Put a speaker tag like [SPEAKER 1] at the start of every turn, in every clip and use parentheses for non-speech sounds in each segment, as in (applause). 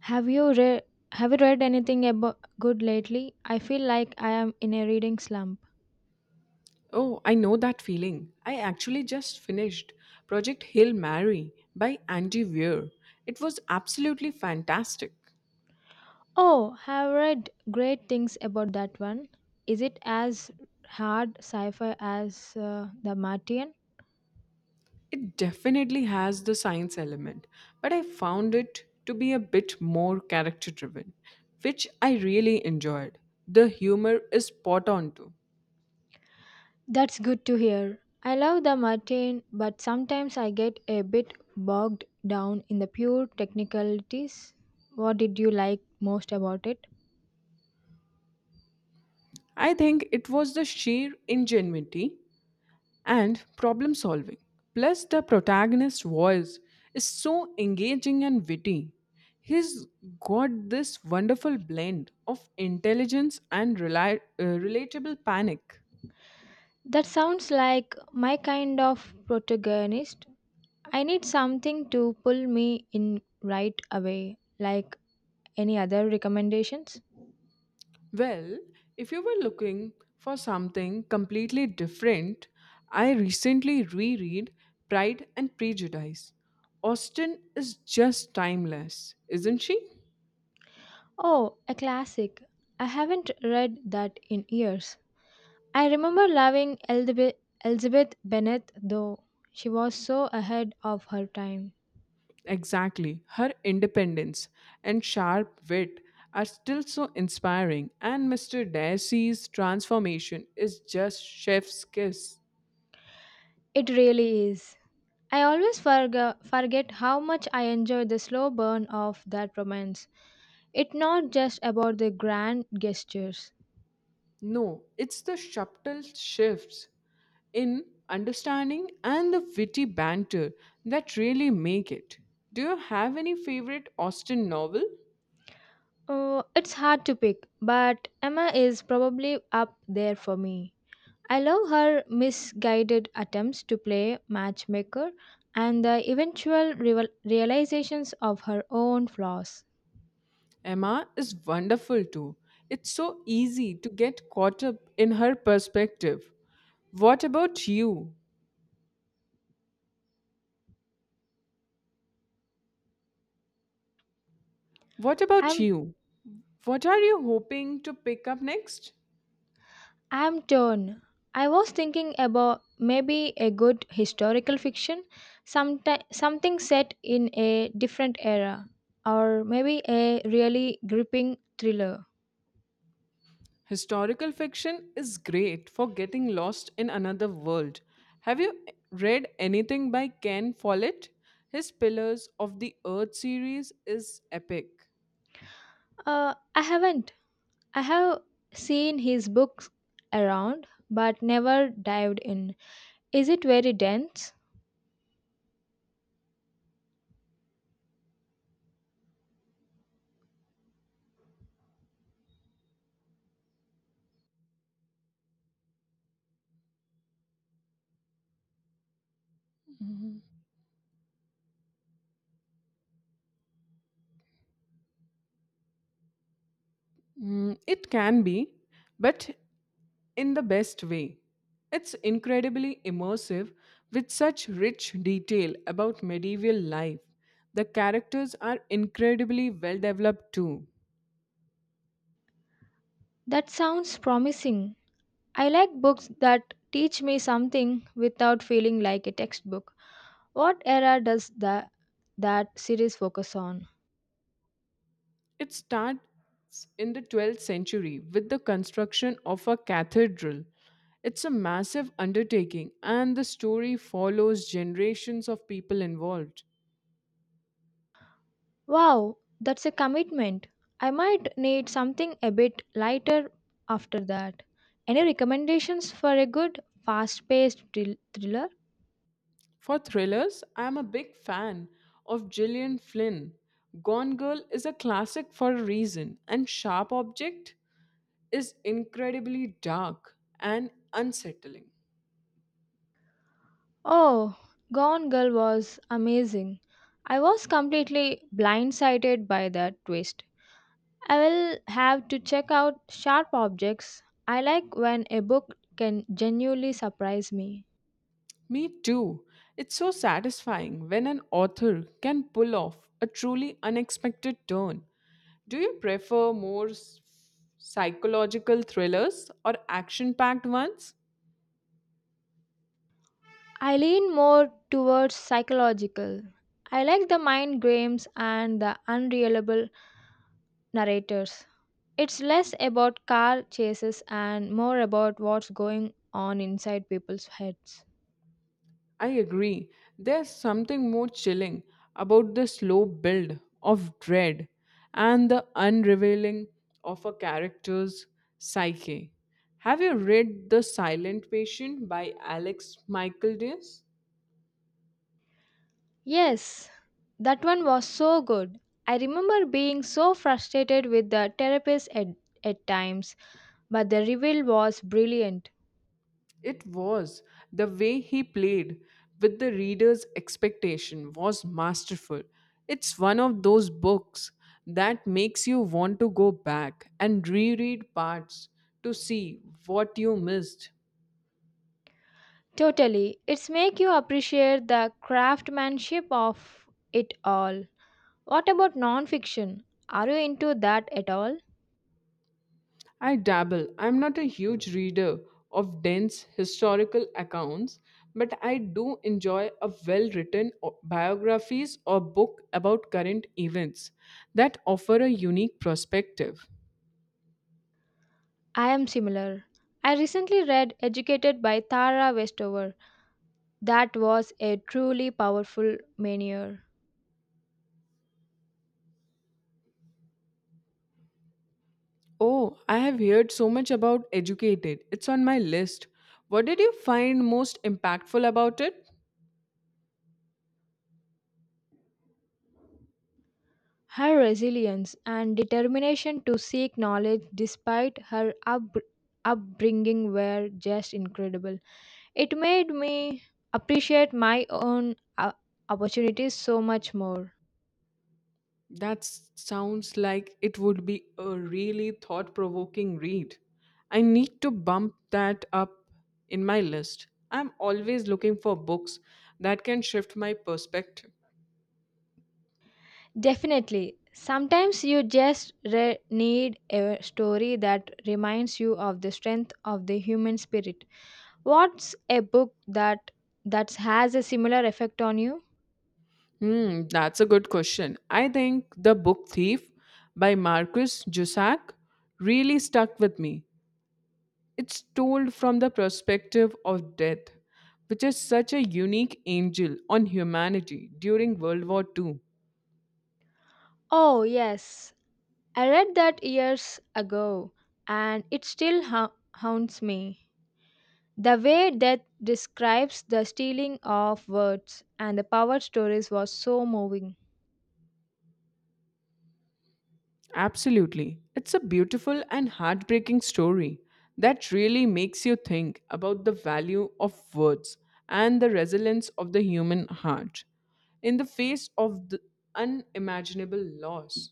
[SPEAKER 1] Have you read have you read anything about good lately? I feel like I am in a reading slump.
[SPEAKER 2] Oh, I know that feeling. I actually just finished Project Hail Mary by Andy Weir. It was absolutely fantastic.
[SPEAKER 1] Oh, have read great things about that one. Is it as hard sci-fi as The Martian?
[SPEAKER 2] It definitely has the science element, but I found it to be a bit more character driven, which I really enjoyed. The humor is spot on too.
[SPEAKER 1] That's good to hear. I love The Martian, but sometimes I get a bit bogged down in the pure technicalities. What did you like most about it?
[SPEAKER 2] I think it was the sheer ingenuity and problem solving. Plus, the protagonist's voice is so engaging and witty. He's got this wonderful blend of intelligence and relatable panic.
[SPEAKER 1] That sounds like my kind of protagonist. I need something to pull me in right away. Like any other recommendations?
[SPEAKER 2] Well, if you were looking for something completely different, I recently reread Pride and Prejudice. Austen is just timeless, isn't she?
[SPEAKER 1] Oh, a classic. I haven't read that in years. I remember loving Elizabeth Bennet though. She was so ahead of her time.
[SPEAKER 2] Exactly. Her independence and sharp wit are still so inspiring, and Mr. Darcy's transformation is just chef's kiss.
[SPEAKER 1] It really is. I always forget how much I enjoyed the slow burn of that romance. It's not just about the grand gestures.
[SPEAKER 2] No, it's the subtle shifts in understanding and the witty banter that really make it. Do you have any favorite Austen novel?
[SPEAKER 1] It's hard to pick, but Emma is probably up there for me. I love her misguided attempts to play matchmaker and the eventual realizations of her own flaws.
[SPEAKER 2] Emma is wonderful too. It's so easy to get caught up in her perspective. What about you? What about
[SPEAKER 1] I'm
[SPEAKER 2] you? What are you hoping to pick up next?
[SPEAKER 1] I'm torn. I was thinking about maybe a good historical fiction, something set in a different era, or maybe a really gripping thriller.
[SPEAKER 2] Historical fiction is great for getting lost in another world. Have you read anything by Ken Follett? His Pillars of the Earth series is epic.
[SPEAKER 1] I haven't. I have seen his books around but never dived in. Is it very dense?
[SPEAKER 2] Mm, it can be, but in the best way. It's incredibly immersive with such rich detail about medieval life. The characters are incredibly well developed too.
[SPEAKER 1] That sounds promising. I like books that teach me something without feeling like a textbook. What era does that series focus on?
[SPEAKER 2] It starts in the 12th century with the construction of a cathedral. It's a massive undertaking, and the story follows generations of people involved.
[SPEAKER 1] Wow, that's a commitment. I might need something a bit lighter after that. Any recommendations for a good, fast paced thriller?
[SPEAKER 2] For thrillers, I'm a big fan of Gillian Flynn. Gone Girl is a classic for a reason, and Sharp Object is incredibly dark and unsettling.
[SPEAKER 1] Oh, Gone Girl was amazing. I was completely blindsided by that twist. I will have to check out Sharp Objects. I like when a book can genuinely surprise me.
[SPEAKER 2] Me too. It's so satisfying when an author can pull off a truly unexpected turn. Do you prefer more psychological thrillers or action packed ones?
[SPEAKER 1] I lean more towards psychological. I like the mind games and the unreliable narrators. It's less about car chases and more about what's going on inside people's heads.
[SPEAKER 2] I agree. There's something more chilling about the slow build of dread and the unrevealing of a character's psyche. Have you read The Silent Patient by Alex Michael Diaz?
[SPEAKER 1] Yes, that one was so good. I remember being so frustrated with the therapist at times, but the reveal was brilliant.
[SPEAKER 2] It was. The way he played with the reader's expectation was masterful. It's one of those books that makes you want to go back and reread parts to see what you missed.
[SPEAKER 1] Totally. It's make you appreciate the craftsmanship of it all. What about nonfiction? Are you into that at all?
[SPEAKER 2] I dabble. I'm not a huge reader of dense historical accounts, but I do enjoy a well written biographies or book about current events that offer a unique perspective.
[SPEAKER 1] I am similar. I recently read Educated by Tara Westover. That was a truly powerful manure.
[SPEAKER 2] Oh, I have heard so much about Educated. It's on my list. What did you find most impactful about it?
[SPEAKER 1] Her resilience and determination to seek knowledge despite her upbringing were just incredible. It made me appreciate my own opportunities so much more.
[SPEAKER 2] That sounds like it would be a really thought provoking read. I need to bump that up in my list. I'm always looking for books that can shift my perspective.
[SPEAKER 1] Definitely. Sometimes you just need a story that reminds you of the strength of the human spirit. What's a book that has a similar effect on you?
[SPEAKER 2] Hmm, that's a good question. I think The Book Thief by Marcus Jusak really stuck with me. It's told from the perspective of death, which is such a unique angel on humanity during World War Two.
[SPEAKER 1] Oh, yes. I read that years ago and it still haunts me. The way that describes the stealing of words and the power stories was so moving.
[SPEAKER 2] Absolutely. It's a beautiful and heartbreaking story that really makes you think about the value of words and the resilience of the human heart in the face of the unimaginable loss.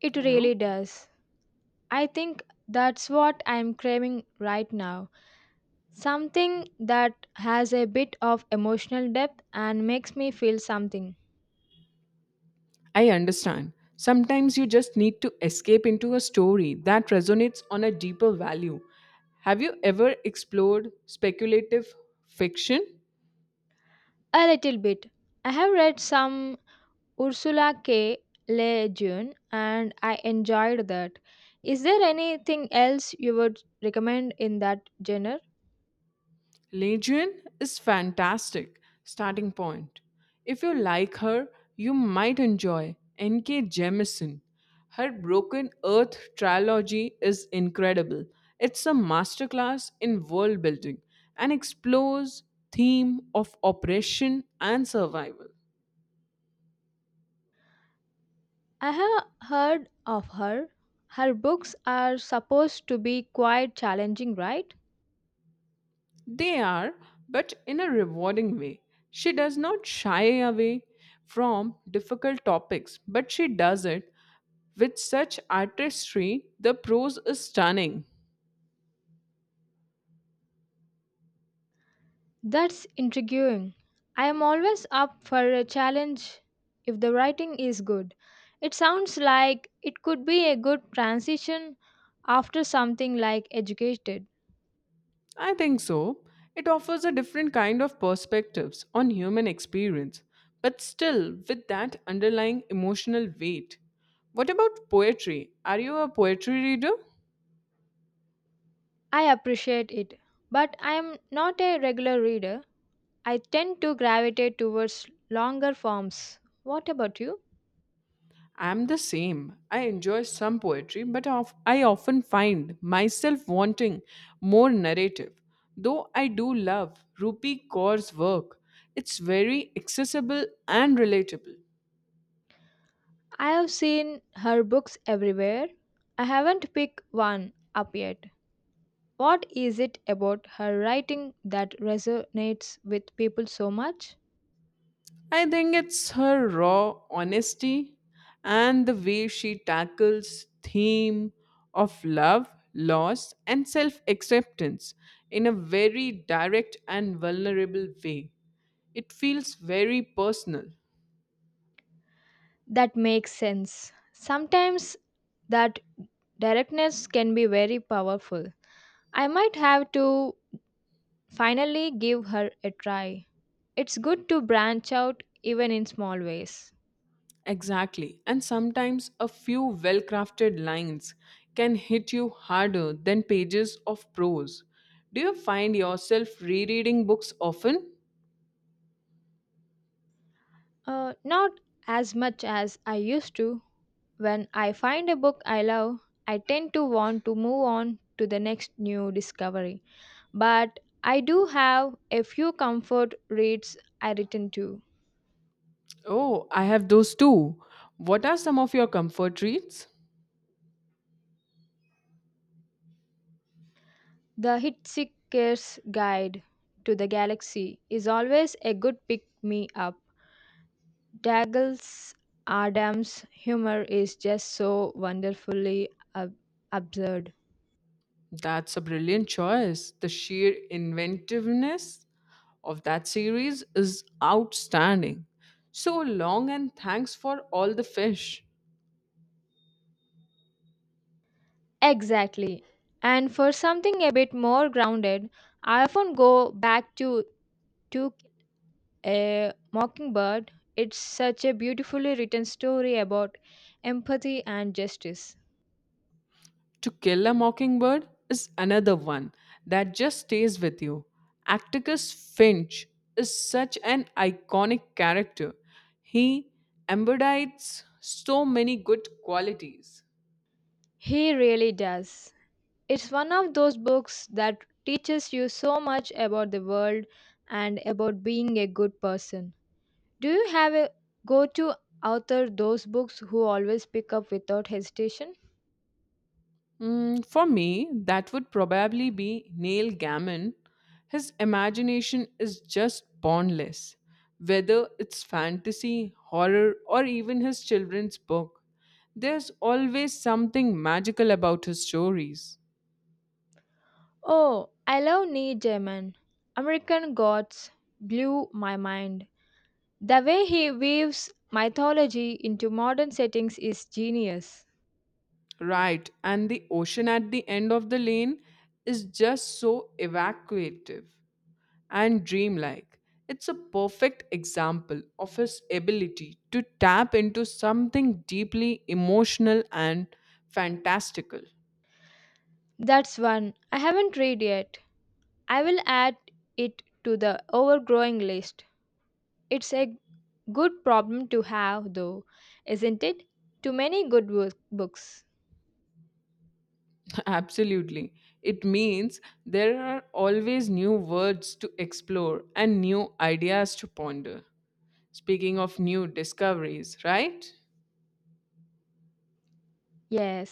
[SPEAKER 1] It
[SPEAKER 2] Hello?
[SPEAKER 1] really does. I think that's what I'm craving right now. Something that has a bit of emotional depth and makes me feel something.
[SPEAKER 2] I understand. Sometimes you just need to escape into a story that resonates on a deeper value. Have you ever explored speculative fiction?
[SPEAKER 1] A little bit. I have read some Ursula K. Le Guin, and I enjoyed that. Is there anything else you would recommend in that genre?
[SPEAKER 2] Legion is fantastic starting point. If you like her, you might enjoy NK. Jemisin. Her Broken Earth trilogy is incredible. It's a masterclass in world building and explores theme of oppression and survival.
[SPEAKER 1] I have heard of her. Her books are supposed to be quite challenging, right?
[SPEAKER 2] They are, but in a rewarding way. She does not shy away from difficult topics, but she does it with such artistry. The prose is stunning.
[SPEAKER 1] That's intriguing. I am always up for a challenge if the writing is good. It sounds like it could be a good transition after something like Educated.
[SPEAKER 2] I think so. It offers a different kind of perspectives on human experience, but still with that underlying emotional weight. What about poetry? Are you a poetry reader?
[SPEAKER 1] I appreciate it, but I am not a regular reader. I tend to gravitate towards longer forms. What about you?
[SPEAKER 2] I'm the same. I enjoy some poetry, but I often find myself wanting more narrative. Though I do love Rupi Kaur's work, it's very accessible and relatable.
[SPEAKER 1] I have seen her books everywhere. I haven't picked one up yet. What is it about her writing that resonates with people so much?
[SPEAKER 2] I think it's her raw honesty and the way she tackles theme of love, loss and self-acceptance in a very direct and vulnerable way. It feels very personal.
[SPEAKER 1] That makes sense. Sometimes that directness can be very powerful. I might have to finally give her a try. It's good to branch out even in small ways.
[SPEAKER 2] Exactly. And sometimes a few well crafted lines can hit you harder than pages of prose. Do you find yourself rereading books often?
[SPEAKER 1] Not as much as I used to. When I find a book I love, I tend to want to move on to the next new discovery. But I do have a few comfort reads I return to.
[SPEAKER 2] Oh, I have those too. What are some of your comfort reads?
[SPEAKER 1] The Hitchhiker's Guide to the Galaxy is always a good pick me up. Douglas Adams' humor is just so wonderfully ab- absurd.
[SPEAKER 2] That's a brilliant choice. The sheer inventiveness of that series is outstanding. So long and thanks for all the fish.
[SPEAKER 1] Exactly. And for something a bit more grounded, I often go back to Kill a Mockingbird. It's such a beautifully written story about empathy and justice.
[SPEAKER 2] To Kill a Mockingbird is another one that just stays with you. Atticus Finch is such an iconic character. He embodies so many good qualities.
[SPEAKER 1] He really does. It's one of those books that teaches you so much about the world and about being a good person. Do you have a go to author those books who always pick up without hesitation?
[SPEAKER 2] Mm, for me, that would probably be Neil Gaiman. His imagination is just boundless, whether it's fantasy, horror, or even his children's book. There's always something magical about his stories.
[SPEAKER 1] Oh, I love Neil Gaiman. American Gods blew my mind. The way he weaves mythology into modern settings is genius.
[SPEAKER 2] Right, and the ocean at the end of the lane is just so evacuative and dreamlike. It's a perfect example of his ability to tap into something deeply emotional and fantastical.
[SPEAKER 1] That's one I haven't read yet. I will add it to the overgrowing list. It's a good problem to have, though, isn't it? Too many good books.
[SPEAKER 2] (laughs) Absolutely. It means there are always new words to explore and new ideas to ponder. Speaking of new discoveries, right?
[SPEAKER 1] Yes.